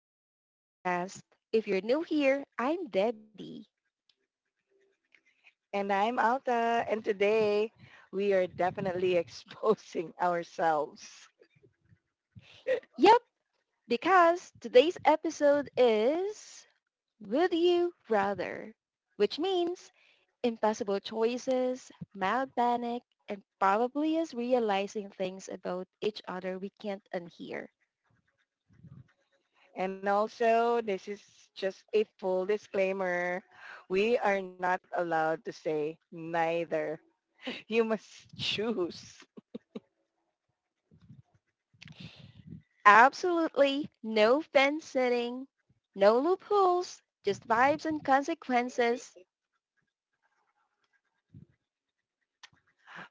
back to the podcast. If you're new here, I'm Debbie. And I'm Alta. And today we are definitely exposing ourselves. Yep, because today's episode is Would You Rather, which means impossible choices, mild panic, and probably us realizing things about each other we can't unhear. And also, this is just a full disclaimer. We are not allowed to say neither. You must choose. Absolutely no fence sitting, no loopholes, just vibes and consequences.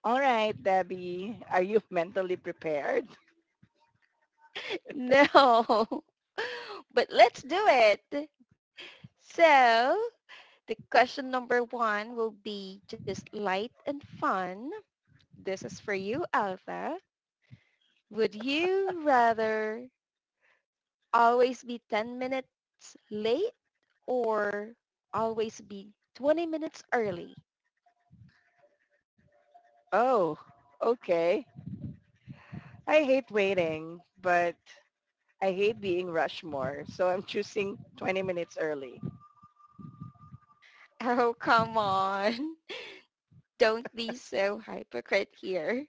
All right, Debbie. Are you mentally prepared? No. But let's do it. So the question number one will be just light and fun. This is for you, Alpha. Would you rather always be 10 minutes late or always be 20 minutes early? Oh, okay. I hate waiting, but I hate being rushed more. So I'm choosing 20 minutes early. Oh, come on. Don't be so hypocrite here.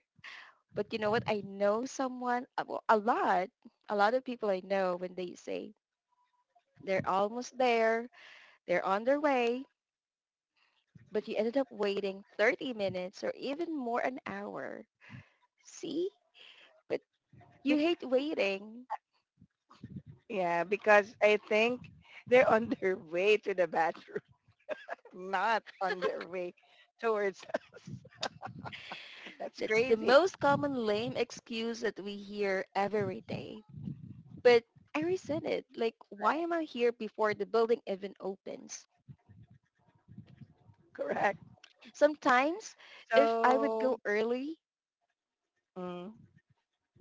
But you know what? I know someone, a lot of people I know when they say they're almost there, they're on their way, but you ended up waiting 30 minutes or even more an hour. See? But you hate waiting. Yeah, because I think they're on their way to the bathroom, not on their way towards us. That's That's the crazy. most common lame excuse that we hear every day. But I resent it. Like, why am I here before the building even opens? Correct. Sometimes if I would So, go early, mm,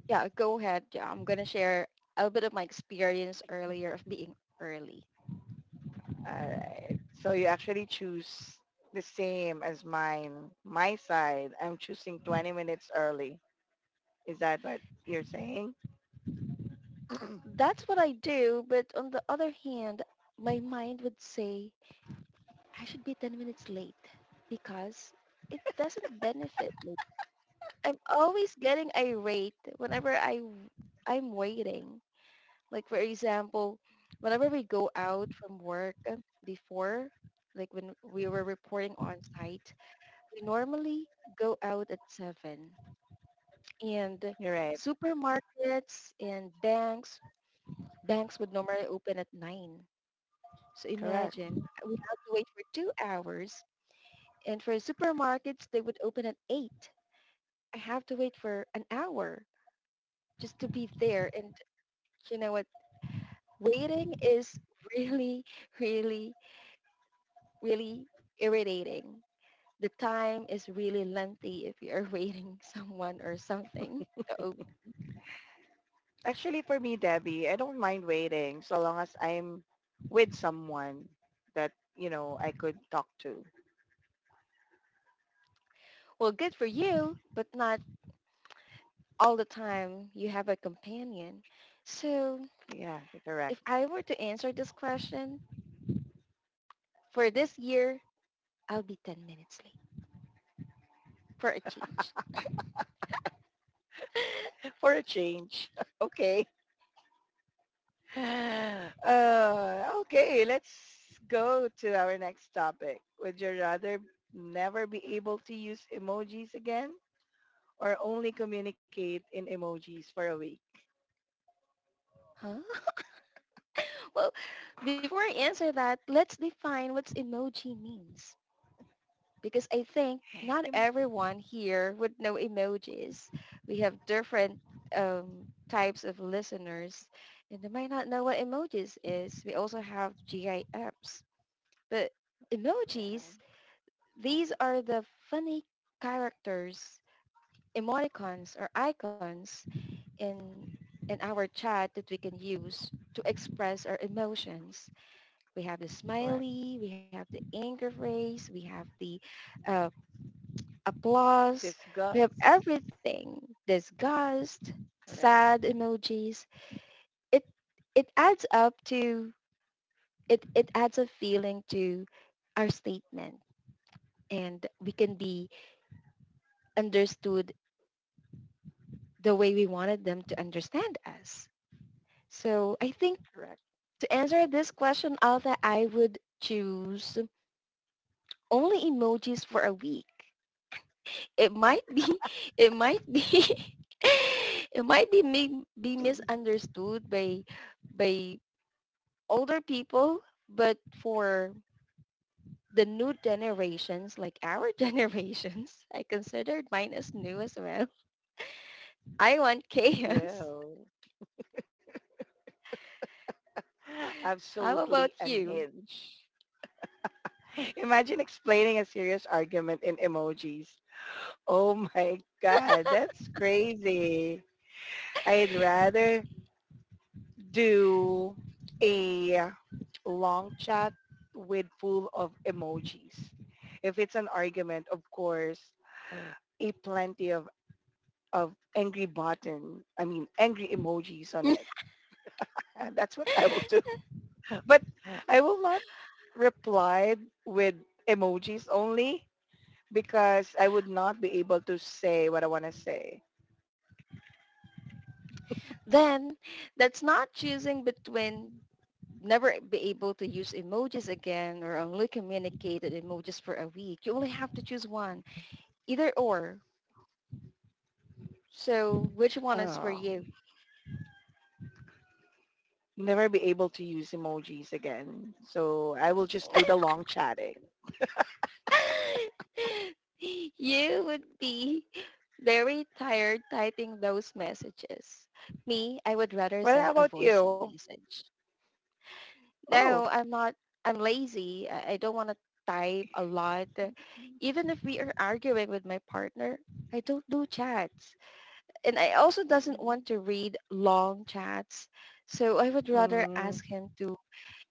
yeah, go ahead. Yeah, I'm going to share a bit of my experience earlier of being early. all right. So you actually choose the same as mine. My side, I'm choosing 20 minutes early. Is that what you're saying? That's what I do. But on the other hand, my mind would say, I should be 10 minutes late because it doesn't benefit me. I'm always getting irate whenever I'm waiting. Like for example, whenever we go out from work before, like when we were reporting on site, we normally go out at 7, and You're right. supermarkets and banks, banks would normally open at 9. So Correct. imagine we have to wait for 2 hours. And for supermarkets, they would open at 8. I have to wait for an hour just to be there. And you know what? Waiting is really, really, really irritating. The time is really lengthy if you're waiting someone or something. So, Actually, for me, Debbie, I don't mind waiting so long as I'm with someone that, you know, I could talk to. well, good for you, but not all the time you have a companion. So Yeah, you're correct. if I were to answer this question for this year, I'll be 10 minutes late for a change. For a change. Okay. Okay, let's go to our next topic. Would you rather never be able to use emojis again or only communicate in emojis for a week? Huh? Well, before I answer that, let's define what emoji means. Because I think not Em- everyone here would know emojis. We have different types of listeners, and they might not know what emojis is. We also have GIFs. But yeah, emojis, these are the funny characters, emoticons or icons in, in our chat that we can use to express our emotions. We have the correct. smiley, we have the anger face, we have the uh, applause, Disgust. we have everything. Disgust, Correct, sad emojis. It it adds up to it adds a feeling to our statement, and we can be understood the way we wanted them to understand us. So I think correct. to answer this question, Alta, I would choose only emojis for a week. It might be it might be it might be may be misunderstood by older people, but for the new generations, like our generations, I considered mine as new as well. I want chaos. Yeah. How about Absolutely you? unhinged. Imagine explaining a serious argument in emojis. Oh my God, that's crazy. I'd rather do a long chat with full of emojis. If it's an argument, of course, a plenty of angry button, I mean, angry emojis on it. That's what I will do. But I will not reply with emojis only because I would not be able to say what I want to say. Then that's not choosing between never be able to use emojis again or only communicate in emojis for a week. You only have to choose one, either or. So which one is for Oh, you? never be able to use emojis again. So I will just do the long chatting. You would be very tired typing those messages. Me, I would rather Well, how send a about voice you? message. Oh, No, I'm not. I'm lazy. I don't want to type a lot. Even if we are arguing with my partner, I don't do chats. And I also doesn't want mm, to read long chats. So I would rather ask mm, him to—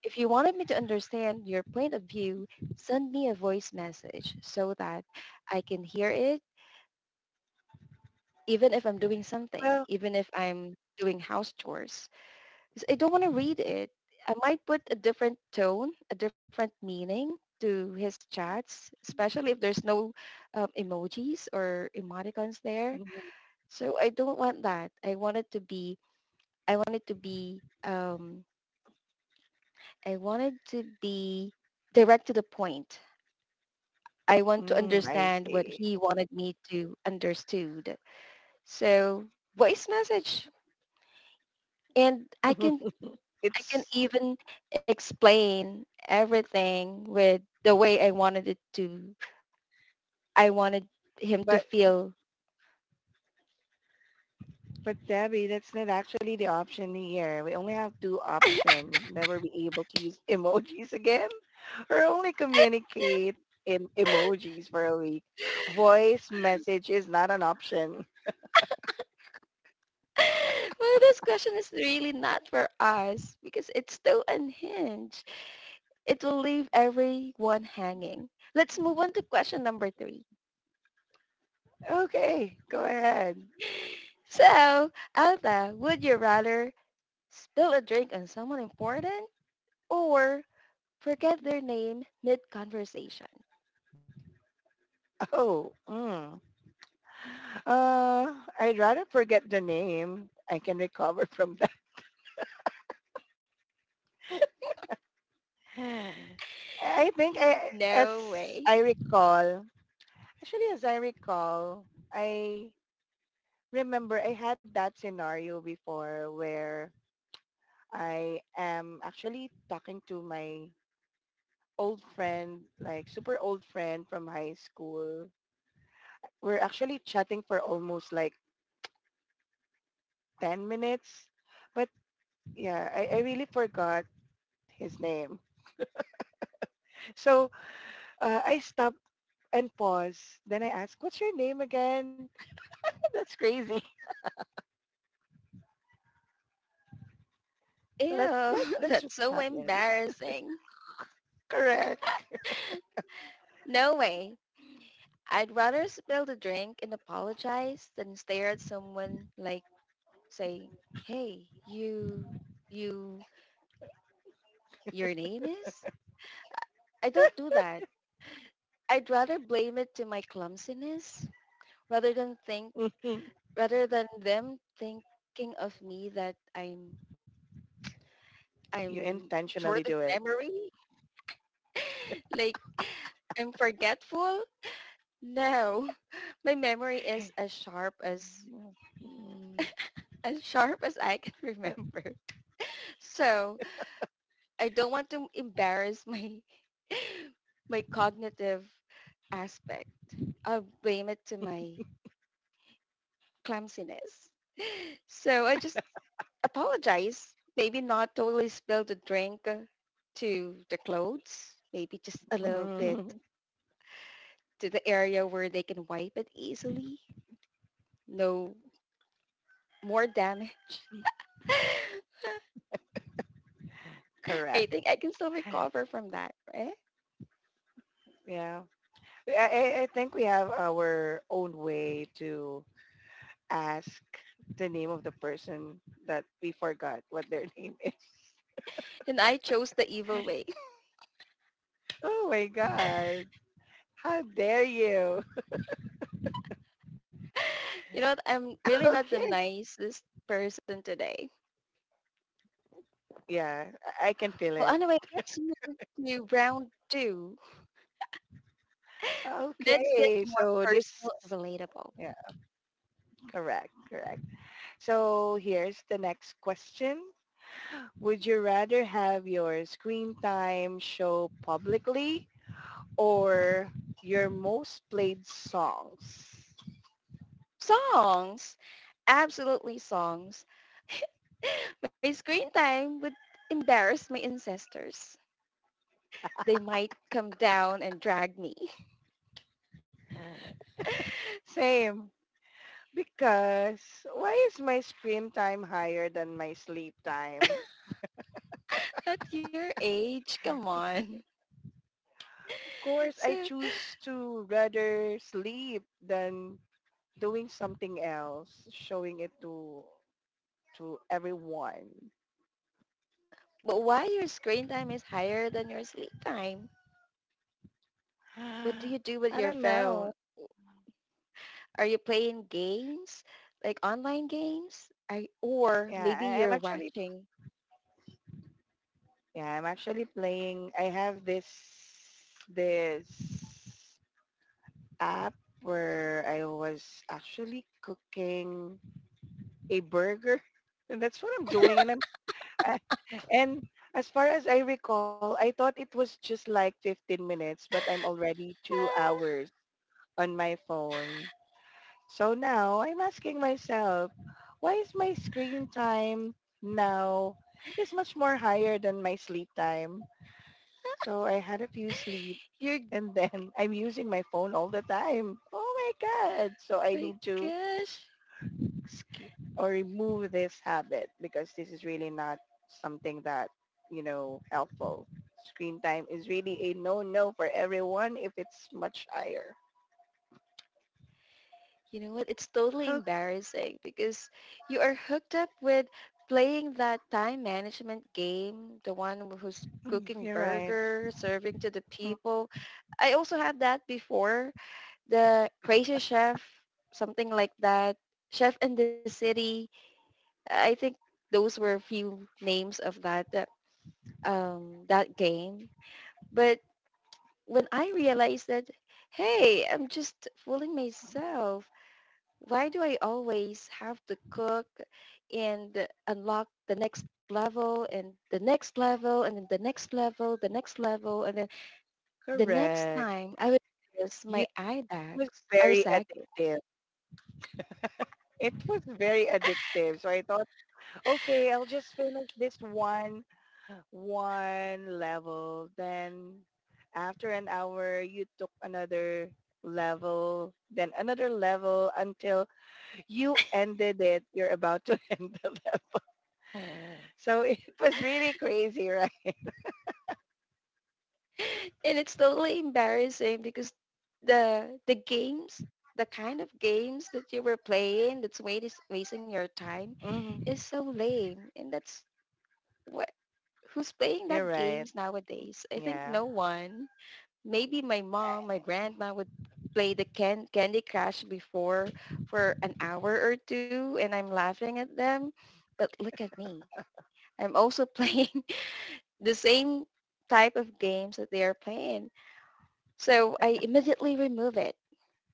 If you wanted me to understand your point of view, send me a voice message so that I can hear it, even if I'm doing something, well, even if I'm doing house chores. 'Cause I don't want to read it. I might put a different tone, a different meaning to his chats, especially if there's no emojis or emoticons there. mm, So I don't want that. I want it to be, I want it to be, I wanted to be direct to the point. I want to I understand what see. he wanted me to understood. So voice message, and I can it's even explain everything with the way I wanted it to. I wanted him to but feel. but Debbie, that's not actually the option here. We only have two options: never be able to use emojis again, or only communicate in emojis for a week. Voice message is not an option. Well, this question is really not for us because it's so unhinged. It will leave everyone hanging. Let's move on to question number three. Okay, go ahead. So, Alta, would you rather spill a drink on someone important, or forget their name mid-conversation. Oh, mm, Uh, I'd rather forget the name. I can recover from that. I think I, as No way. I recall, actually as I recall, I remember I had that scenario before where I am actually talking to my old friend, like super old friend from high school. We're actually chatting for almost like 10 minutes. But yeah, I really forgot his name. So I stop and pause. Then I ask, "What's your name again?" That's crazy. Ew, So that's what that's so happens. embarrassing. Correct. No way. I'd rather spill the drink and apologize than stare at someone like saying, hey, you, your name is? I don't do that. I'd rather blame it to my clumsiness rather than think, Mhm. rather than them thinking of me that You I'm intentionally short do of it. memory? Like, I'm forgetful? No. My memory is as sharp as Mhm. I can Uh, remember. So I don't want to embarrass my my cognitive aspect. I'll blame it to my clumsiness. So I just apologize. Maybe not totally spill the drink to the clothes. Maybe just a little bit mhm. to the area where they can wipe it easily. No more damage. I Correct. think I can still recover from that, right? Yeah. I think we have our own way to ask the name of the person that we forgot what their name is. And I chose the evil way. Oh my God. How dare you? You know, I'm really not the Okay. nicest person today. Yeah. I can feel Well, it. anyway, let's move to round two. Let's get Okay, more so this, personal and relatable. yeah, correct, correct. So here's the next question. Would you rather have your screen time show publicly or your most played songs? Songs. Absolutely songs. My screen time would embarrass my ancestors. They might come down and drag me. Same, because why is my screen time higher than my sleep time? At your age. Come on. Of course, So, I choose to rather sleep than doing something else, showing it to everyone. but why your screen time is higher than your sleep time? What do you do I with your don't know. phone? Are you playing games, like online games? I, or maybe I'm you're actually watching. yeah, I'm actually playing. I have this app where I was actually cooking a burger, and that's what I'm doing. I, and as far as I recall, I thought it was just like 15 minutes, but I'm already two Ah, hours on my phone. So now I'm asking myself, why is my screen time now is much more higher than my sleep time? So I had a few sleep you're, and then I'm using my phone all the time. Oh my God. So I my need to gosh. skip or remove this habit because this is really not something that, you know, helpful. Screen time is really a no-no for everyone if it's much higher. You know what? It's totally embarrassing because you are hooked up with playing that time management game, the one who's Okay, cooking you're right. burger, serving to the Mm, people. I also had that before, the Crazy Chef, something like that, Chef in the City. I think those were a few names of that game. But when I realized that, hey, I'm just fooling myself. Why do I always have to cook and unlock the next level and the next level and then the next level, and then the next correct. time I would notice my eye Was bags are very sagging. addictive. It was very addictive. So I thought, okay, I'll just finish this one one level. Then after an hour, you took another level, then another level until you ended it. You're about to end the level. So it was really crazy, right? And it's totally embarrassing because the games, the kind of games that you were playing, that's wait wasting your time is Mhm. so lame. And that's what— who's playing that You're games right. nowadays? I think Yeah. no one. Maybe my mom, my grandma would play the candy crush before for an hour or two, and I'm laughing at them. But look at me, I'm also playing the same type of games that they are playing. So I immediately remove it.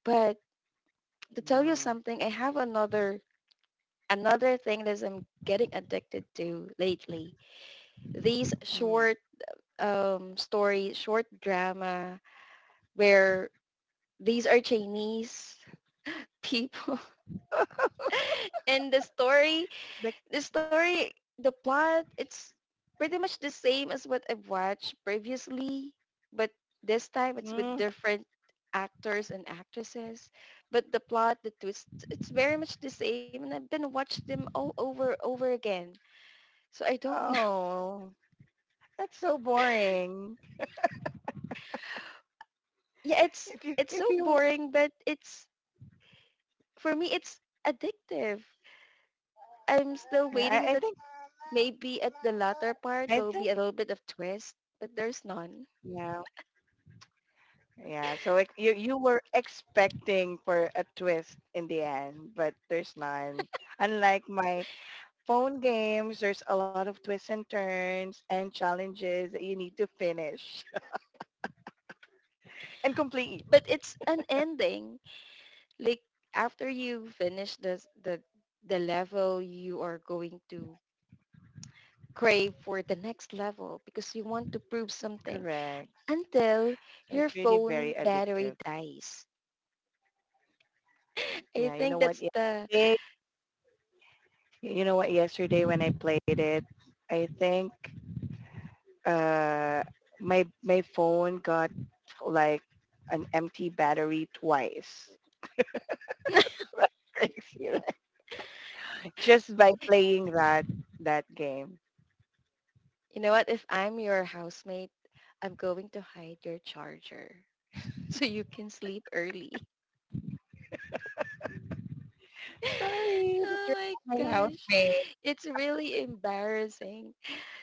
But to tell you Mm, something, I have another thing that I'm getting addicted to lately. These mm. short stories, short drama, where these are Chinese people and Like, the story, the plot, it's pretty much the same as what I've watched previously, but this time it's with mm, different actors and actresses. But the plot, the twist, it's very much the same, and I've been watching them all over again. So I don't. Kn- oh, that's so boring. Yeah, it's— it's If so you, boring, but it's— for me it's addictive. I'm still yeah, waiting that maybe at the latter part I there'll think, be a little bit of twist, but there's none. Yeah, yeah. So like you were expecting for a twist in the end, but there's none. Unlike my phone games, there's a lot of twists and turns and challenges that you need to finish and complete. But it's an ending like after you finish this, the level, you are going to crave for the next level because you want to prove something Correct. until So your it's really very phone battery addictive. dies. I Yeah, you know think what? that's the— Yesterday, you know what? Yesterday when I played it, I think uh, my phone got like an empty battery twice just by playing that game. you know what, if I'm your housemate, I'm going to hide your charger. So you can sleep early. Sorry, but Oh you're my not my gosh, housemate. it's really embarrassing.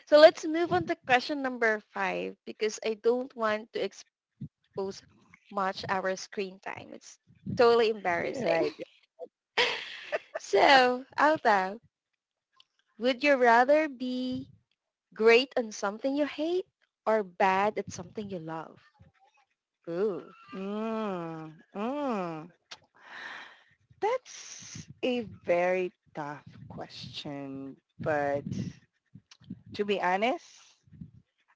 So let's move on to question number five because I don't want to expose much our screen time. It's totally embarrassing. Right. So, Alta, would you rather be great on something you hate or bad at something you love? Ooh, Mm, mm. That's a very tough question, but to be honest,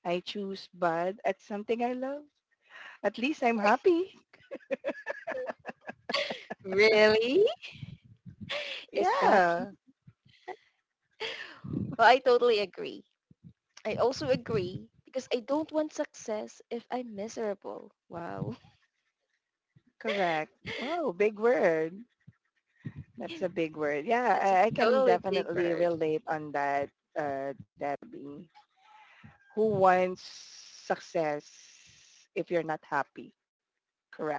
I choose bad at something I love. At least I'm happy. really? Is that you? Yeah, Well, I totally agree. I also agree because I don't want success if I'm miserable. Wow. correct. Wow, big word. That's a big word. It's a I can totally big definitely bird. relate on that, Debbie. Who wants success if you're not happy? Correct.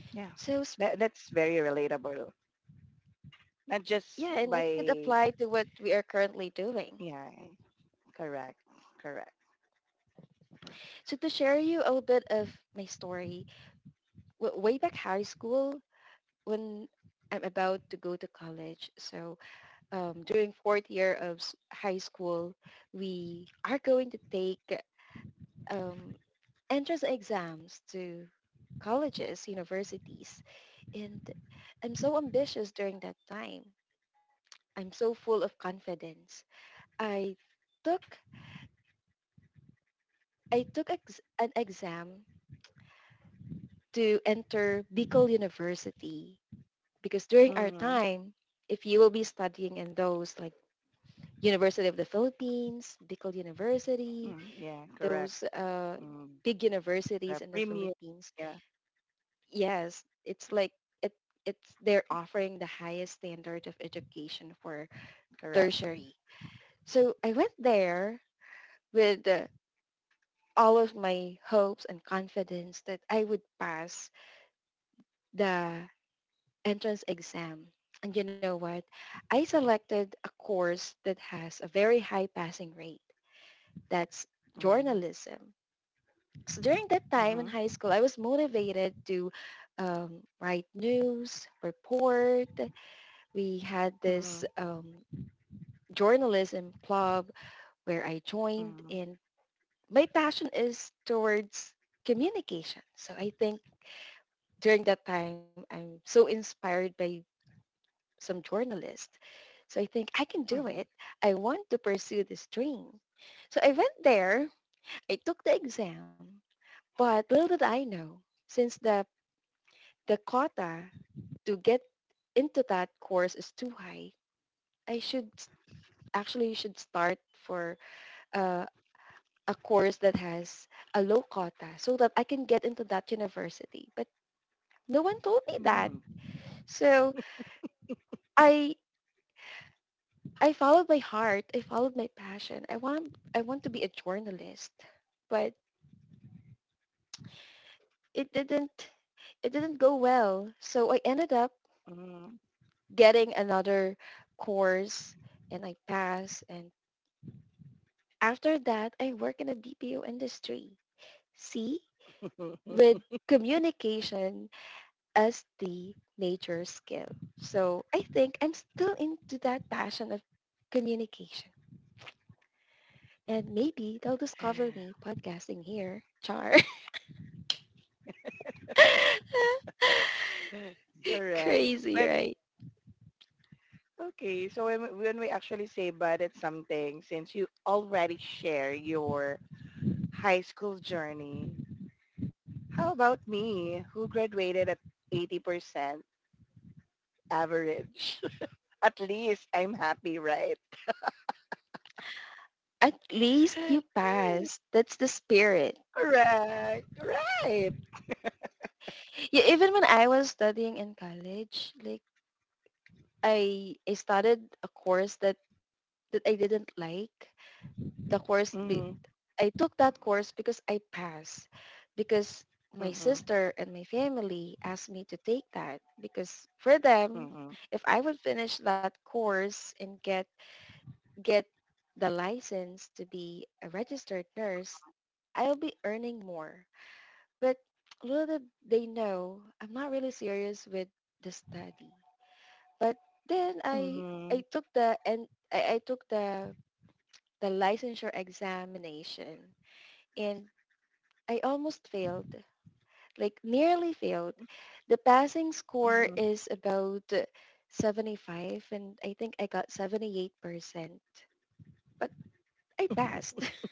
Yeah, So that's very relatable. Not just yeah, and it could by, apply to what we are currently doing. Yeah, correct, correct. So to share you a bit of my story, way back high school, when I'm about to go to college, so during fourth year of high school, we are going to take um, entrance exams to colleges, universities, and I'm so ambitious during that time. I'm so full of confidence. I took I took an exam to enter Bicol University because during our Mm-hmm. time, if you will be studying in those like University of the Philippines, Bicol University, Mm, yeah, correct. those Mm. big The universities in the premium, Philippines, yeah, yes, it's like it, it's they're offering the highest standard of education for correct. tertiary. So I went there with all of my hopes and confidence that I would pass the entrance exam. And you know what? I selected a course that has a very high passing rate. That's Mm-hmm. journalism. So during that time in high Mm-hmm. school, I was motivated to um, write news, report. We had this Mm-hmm. Journalism club where I joined and my passion is towards communication. So I think during that time, I'm so inspired by some journalists. So I think I can do it. I want to pursue this dream. So I went there. I took the exam. But little did I know, since the quota to get into that course is too high, I should actually should start for uh, a course that has a low quota so that I can get into that university. But no one told me that. Mm-hmm. So I I followed my heart. I followed my passion. I want to be a journalist. But it didn't it didn't go well. So I ended up Mm-hmm. getting another course and I passed and after that I work in the BPO industry. See? Mm-hmm. With communication as the major skill. So I think I'm still into that passion of communication. And maybe they'll discover me podcasting here. Char. Correct. Crazy, But right? okay, so when, when we actually say bad at something, since you already share your high school journey, how about me who graduated at 80% average? At least I'm happy, right? At least you passed. That's the spirit. Correct, right. Yeah, even when I was studying in college, like I started a course that I didn't like. The course Mm-hmm, be, I took that course because I passed because my mm-hmm, sister and my family asked me to take that because for them mm-hmm, if I would finish that course and get the license to be a registered nurse, I'll be earning more. But little did they know, I'm not really serious with the study. But then mm-hmm, I took the and I took the licensure examination and I almost failed, like nearly failed. The passing score mm-hmm. is about 75 and I think I got 78%, but I passed.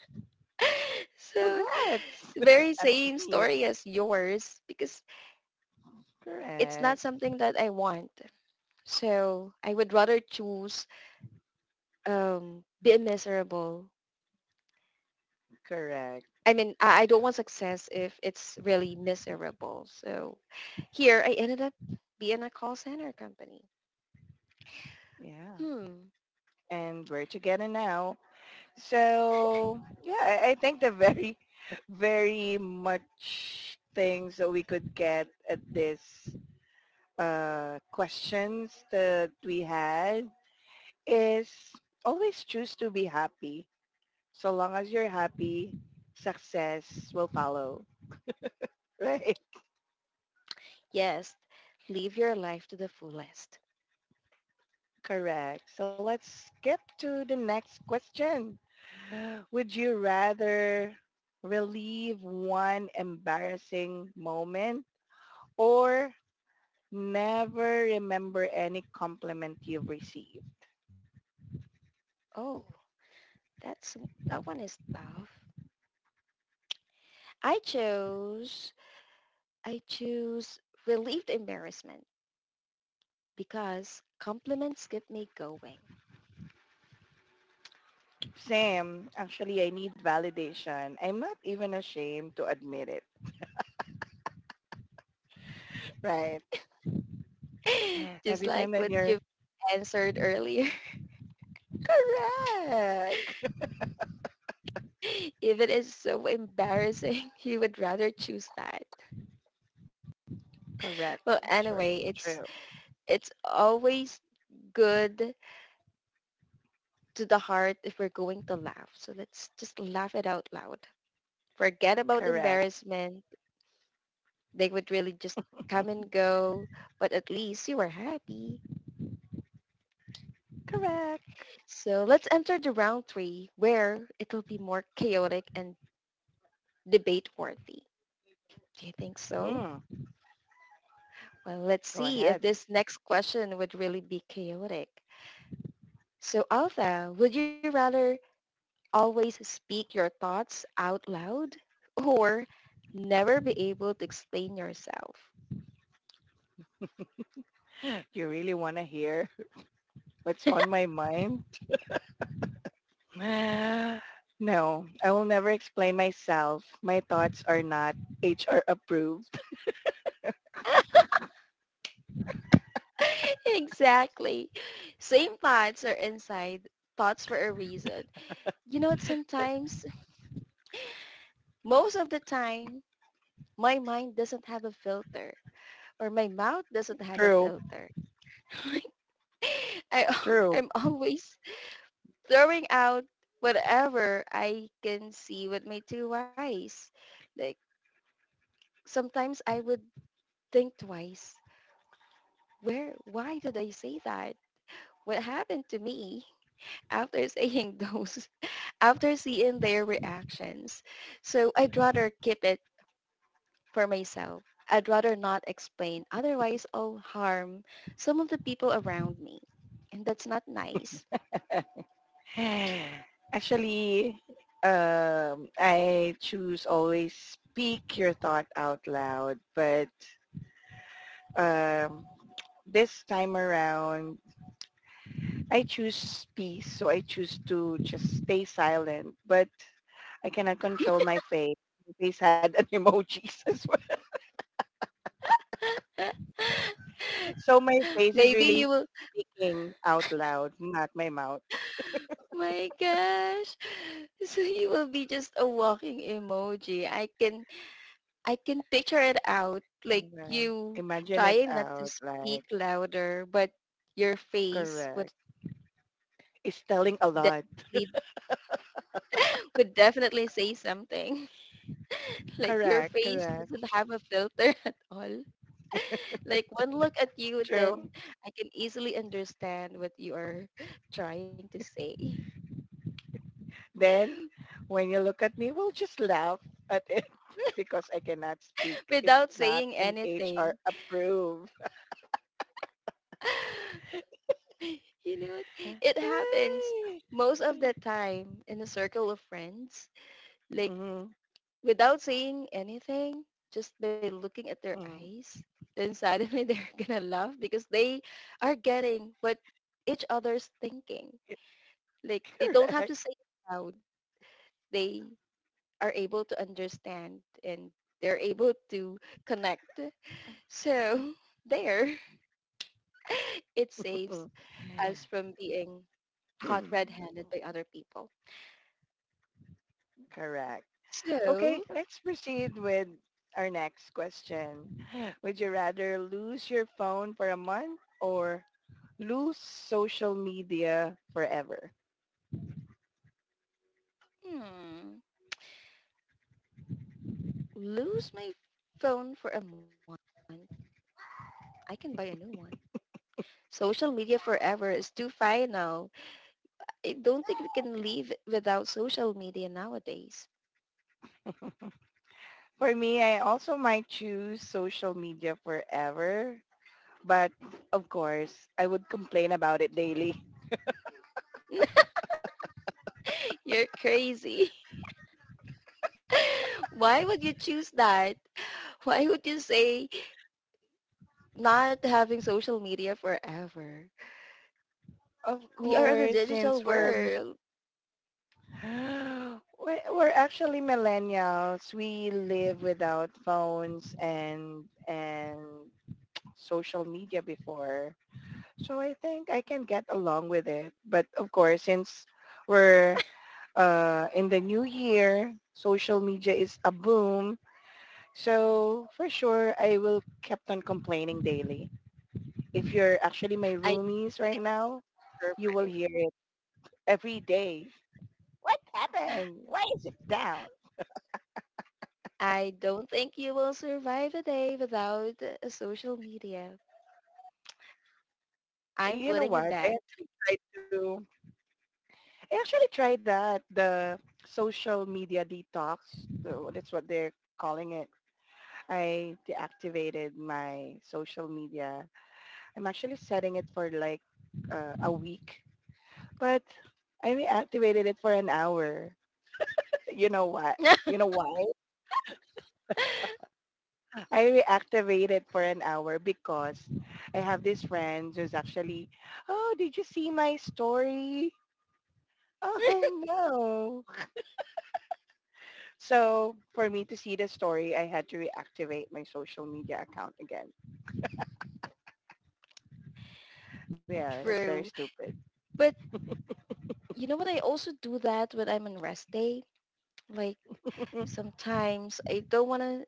So Congrats! very At same least. story as yours because it's Correct, not something that I want. So I would rather choose be miserable. correct. I mean, I don't want success if it's really miserable. So here I ended up being a call center company. Yeah. Hmm. And we're together now. So yeah, I think the very, very much things that we could get at this questions that we had is always choose to be happy. So long as you're happy, success will follow. Right? Yes. Live your life to the fullest. Correct. So let's skip to the next question. Would you rather relieve one embarrassing moment or never remember any compliment you've received. Oh, that's that one is tough. I chose I choose relieved embarrassment because compliments keep me going. Same. Actually, I need validation. I'm not even ashamed to admit it. Right. Just Every time like that what you're you answered earlier. correct. If it is so embarrassing, you would rather choose that. Correct. Well, Sure. anyway, True. It's always good to the heart if we're going to laugh. So let's just laugh it out loud. Forget about Correct. embarrassment. They would really just come and go, but at least you are happy. Correct. So let's enter the round three where it'll be more chaotic and debate worthy. Do you think so? Mm, Well, let's go see if ahead. this next question would really be chaotic. So Alpha, would you rather always speak your thoughts out loud or never be able to explain yourself? You really want to hear what's on my mind? No, I will never explain myself. My thoughts are not HR approved. Exactly. Same thoughts are inside thoughts for a reason. You know what sometimes, most of the time, my mind doesn't have a filter or my mouth doesn't have a True. filter. I, True. I'm always throwing out whatever I can see with my two eyes. Like, sometimes I would think twice. Where, why did I say that? What happened to me after saying those, after seeing their reactions? So I'd rather keep it for myself. I'd rather not explain. Otherwise, I'll harm some of the people around me. And that's not nice. Actually, I choose always speak your thought out loud, but um, this time around, I choose peace, so I choose to just stay silent, but I cannot control my face. My face had an emojis as well. So my face is Maybe you really will, speaking out loud, not my mouth. my gosh. So you will be just a walking emoji. I can picture it out, like Diba? you Imagine it trying not to out, speak like, louder, but your face correct. It's telling a lot. definitely would definitely say something. Like your Correct, face correct. doesn't have a filter at all. Like one look at you, True. then I can easily understand what you are trying to say Then when you look at me, we'll just laugh at it because I cannot speak. It's without not saying an HR anything. approved. You know what? It happens Ay. most of the time in a circle of friends. Like Mm, without saying anything, just by looking at their mm. eyes, then suddenly they're gonna laugh because they are getting what each other's thinking. Like they don't have Correct. to say it loud. They are able to understand and they're able to connect. So there, it saves Mm. us from being caught red-handed by other people. Correct. Okay, So, let's proceed with our next question. Would you rather lose your phone for a month or lose social media forever? hmm, lose my phone for a month. I can buy a new one. Social media forever is too final. I don't think we can live without social media nowadays. For me, I also might choose social media forever, but of course, I would complain about it daily. You're crazy. Why would you choose that? Why would you say not having social media forever? Of We are in a course, digital since we're world. we're actually millennials, we live without phones and social media before. So I think I can get along with it. But of course, since we're in the new year, social media is a boom. So for sure, I will kept on complaining daily. If you're actually my I roomies right now, you will survive. hear it every day. What happened? Why is it down? I don't think you will survive a day without social media. I'm You know putting a what? I bet. actually tried to. I actually tried that the social media detox. So that's what they're calling it. I deactivated my social media. I'm actually setting it for like a week, but I reactivated it for an hour. You know what? You know why? I reactivated for an hour because I have this friend who's actually, oh, did you see my story? Oh no. So for me to see the story, I had to reactivate my social media account again. Yeah, that's very True. stupid. But you know what? I also do that when I'm on rest day. Like sometimes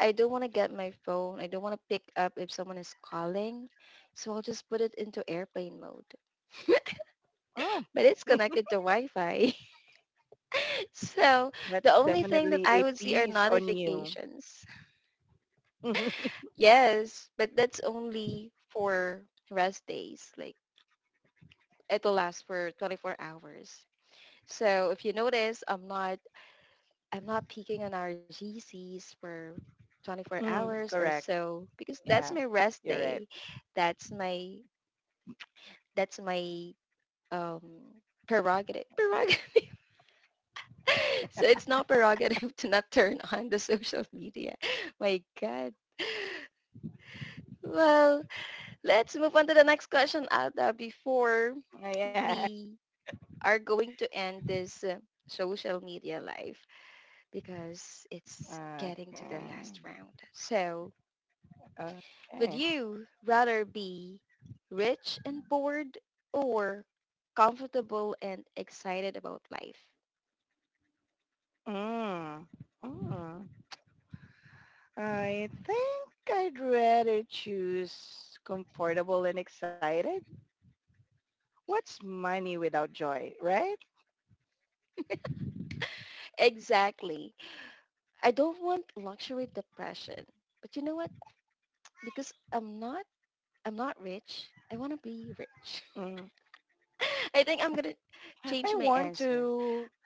I don't want to get my phone. I don't want to pick up if someone is calling. So I'll just put it into airplane mode. Oh, But it's connected to Wi-Fi. So the that's only thing that definitely I a would see are piece on you. notifications. Yes, but that's only for rest days. Like it'll last for 24 hours. So if you notice, I'm not peaking on our GCs for 24 Mm, hours or correct. so because that's Yeah, my rest you're right. day. That's my that's my um prerogative. Prerogative. So it's not prerogative to not turn on the social media. My God. Well, let's move on to the next question, Alda, before Oh, yeah. we are going to end this social media live because it's getting to the last round. So Okay. would Okay. you rather be rich and bored or comfortable and excited about life? Mm. Mm. I think I'd rather choose comfortable and excited. What's money without joy, right? Exactly. I don't want luxury depression. But you know what? Because I'm not rich. I want to be rich. Mm. I think I'm going to change I my want answer. to.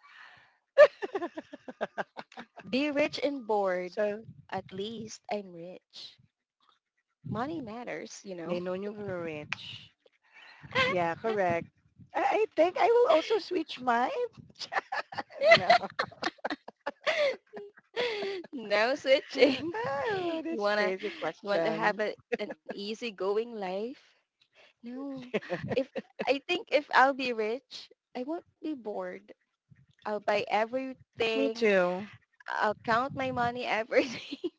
Be rich and bored. So At least I'm rich. Money matters, you know. they know you were rich. Yeah, correct. I think I will also switch mine. No. No switching. Oh, You this wanna crazy you want to have question. a, an easygoing life? No. If I think if I'll be rich, I won't be bored. I'll buy Me everything. too. I'll count my money, everything.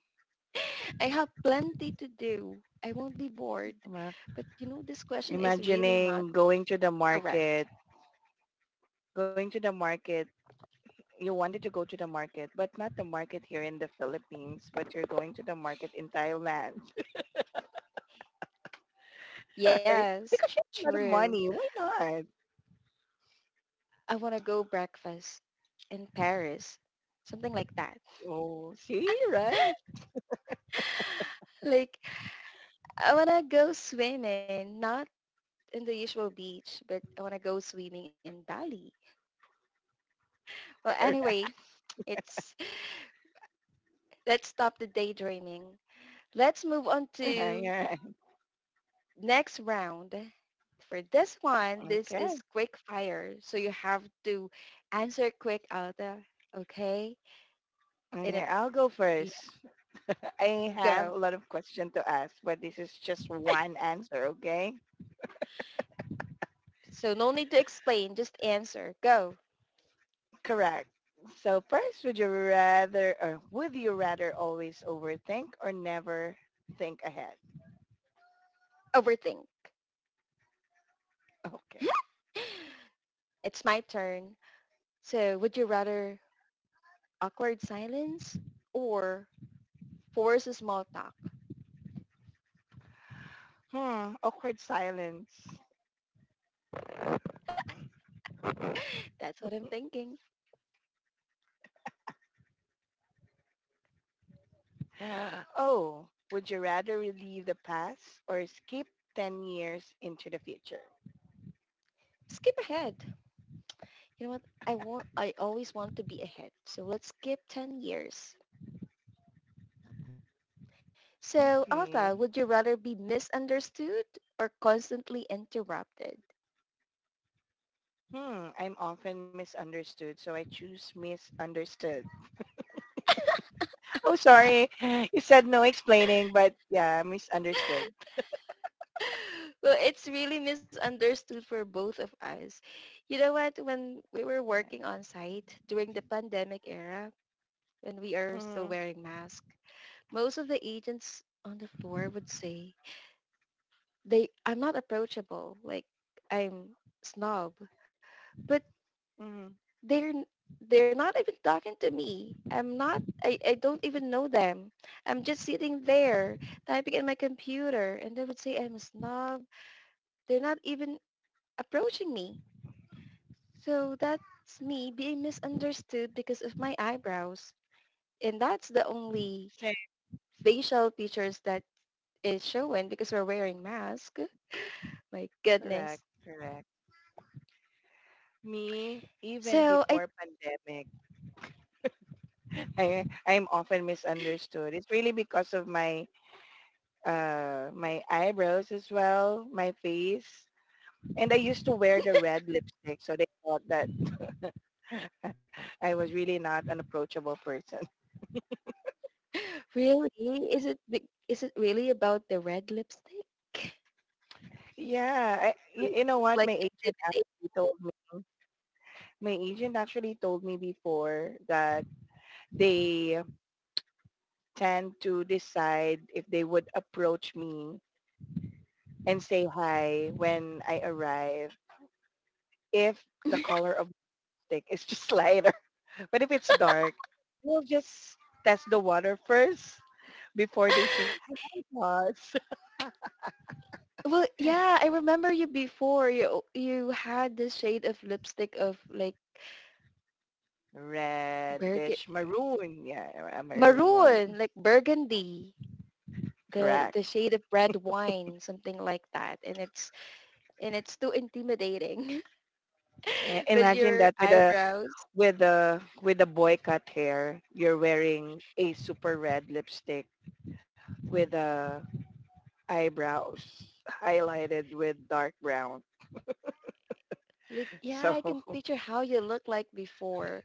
I have plenty to do. I won't be bored. Well, But you know, this question is really not imagining going to the correct. market, going to the market you wanted to go to the market, but not the market here in the Philippines, but you're going to the market in Thailand, right? Yes, Because you have a lot of true. money. Why not? I want to go breakfast in Paris. Something like that. Oh, see, right? Like I wanna go swimming, not in the usual beach, but I wanna go swimming in Bali. Well, Correct. anyway, it's let's stop the daydreaming. Let's move on to Yeah. next round. For this one, this is Okay. quick fire, so you have to answer quick out there, okay? And Okay, it, I'll go you first. I have go. a lot of questions to ask, but this is just one answer, okay? So no need to explain, just answer. Go. Correct. So first, would you rather always overthink or never think ahead? Overthink. Okay. It's my turn. So would you rather awkward silence, or force a small talk. Hmm, awkward silence. That's what I'm thinking. Oh, would you rather relive the past or skip 10 years into the future? Skip ahead. You know what? I want. I always want to be ahead. So let's skip 10 years. So, Okay. Alpha, would you rather be misunderstood or constantly interrupted? Hmm, I'm often misunderstood, so I choose misunderstood. Oh, sorry. You said no explaining, but yeah, misunderstood. Well, it's really misunderstood for both of us. You know what? When we were working on site during the pandemic era, when we are still Mm-hmm, wearing masks, most of the agents on the floor would say they I'm not approachable, like I'm snob, but mm-hmm. they're they're not even talking to me. I'm not I, I don't even know them. I'm just sitting there typing in my computer and they would say I'm a snob. They're not even approaching me. So that's me being misunderstood because of my eyebrows. And that's the only Same. facial features that is showing because we're wearing mask. My Correct, goodness. correct. Me, even So I before pandemic, I'm often misunderstood. It's really because of my my eyebrows as well, my face. And I used to wear the red lipstick, so they thought that I was really not an approachable person. really is it the- is it really about the red lipstick? Or You you know look what? My like agent actually told me. My agent actually told me before that they tend to decide if they would approach me and say hi when I arrive if the intimidating. color of the stick is just lighter. But if it's dark, we'll just test the water first before they say, hi, boss. Well, yeah, I remember you before. You had this shade of lipstick of like Reddish burgundy, maroon, yeah, a maroon one. maroon, like burgundy. The Correct. the shade of red wine, something like that, and it's too intimidating I- with imagine your that eyebrows. with a boy cut hair you're wearing a super red lipstick with a eyebrows highlighted with dark brown Like, yeah, so. I can picture how you look like before.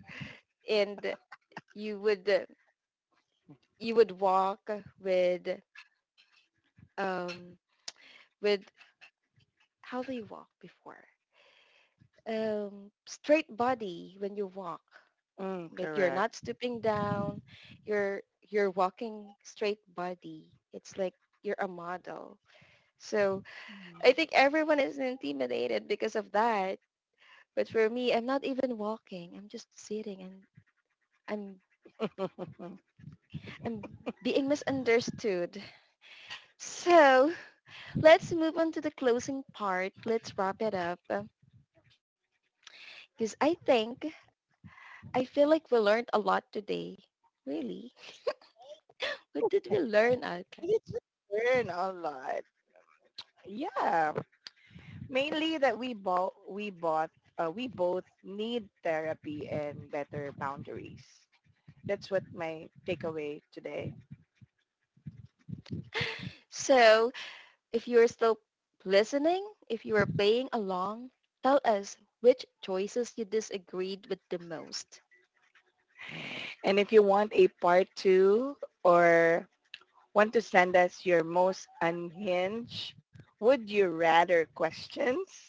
And you would uh, you would walk with um with how do you walk before straight body when you walk Mm, like you're correct. not stooping down you're you're walking straight body it's like you're a model so Mm. I think everyone is intimidated because of that but for me I'm not even walking I'm just sitting and i'm I'm being misunderstood. So let's move on to the closing part. Let's wrap it up. Because I think, I feel like we learned a lot today. Really? What did we learn, Alka? it's Learn a lot, yeah, mainly that we bought we both need therapy and better boundaries. That's what my takeaway today. So if you're still listening, if you are playing along, tell us which choices you disagreed with the most. And if you want a part two or want to send us your most unhinged would you rather questions.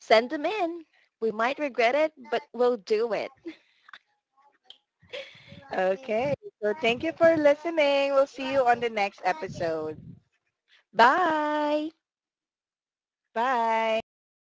Send them in. We might regret it, but we'll do it. Okay. So thank you for listening. We'll see you on the next episode. Bye! Bye. Bye guys.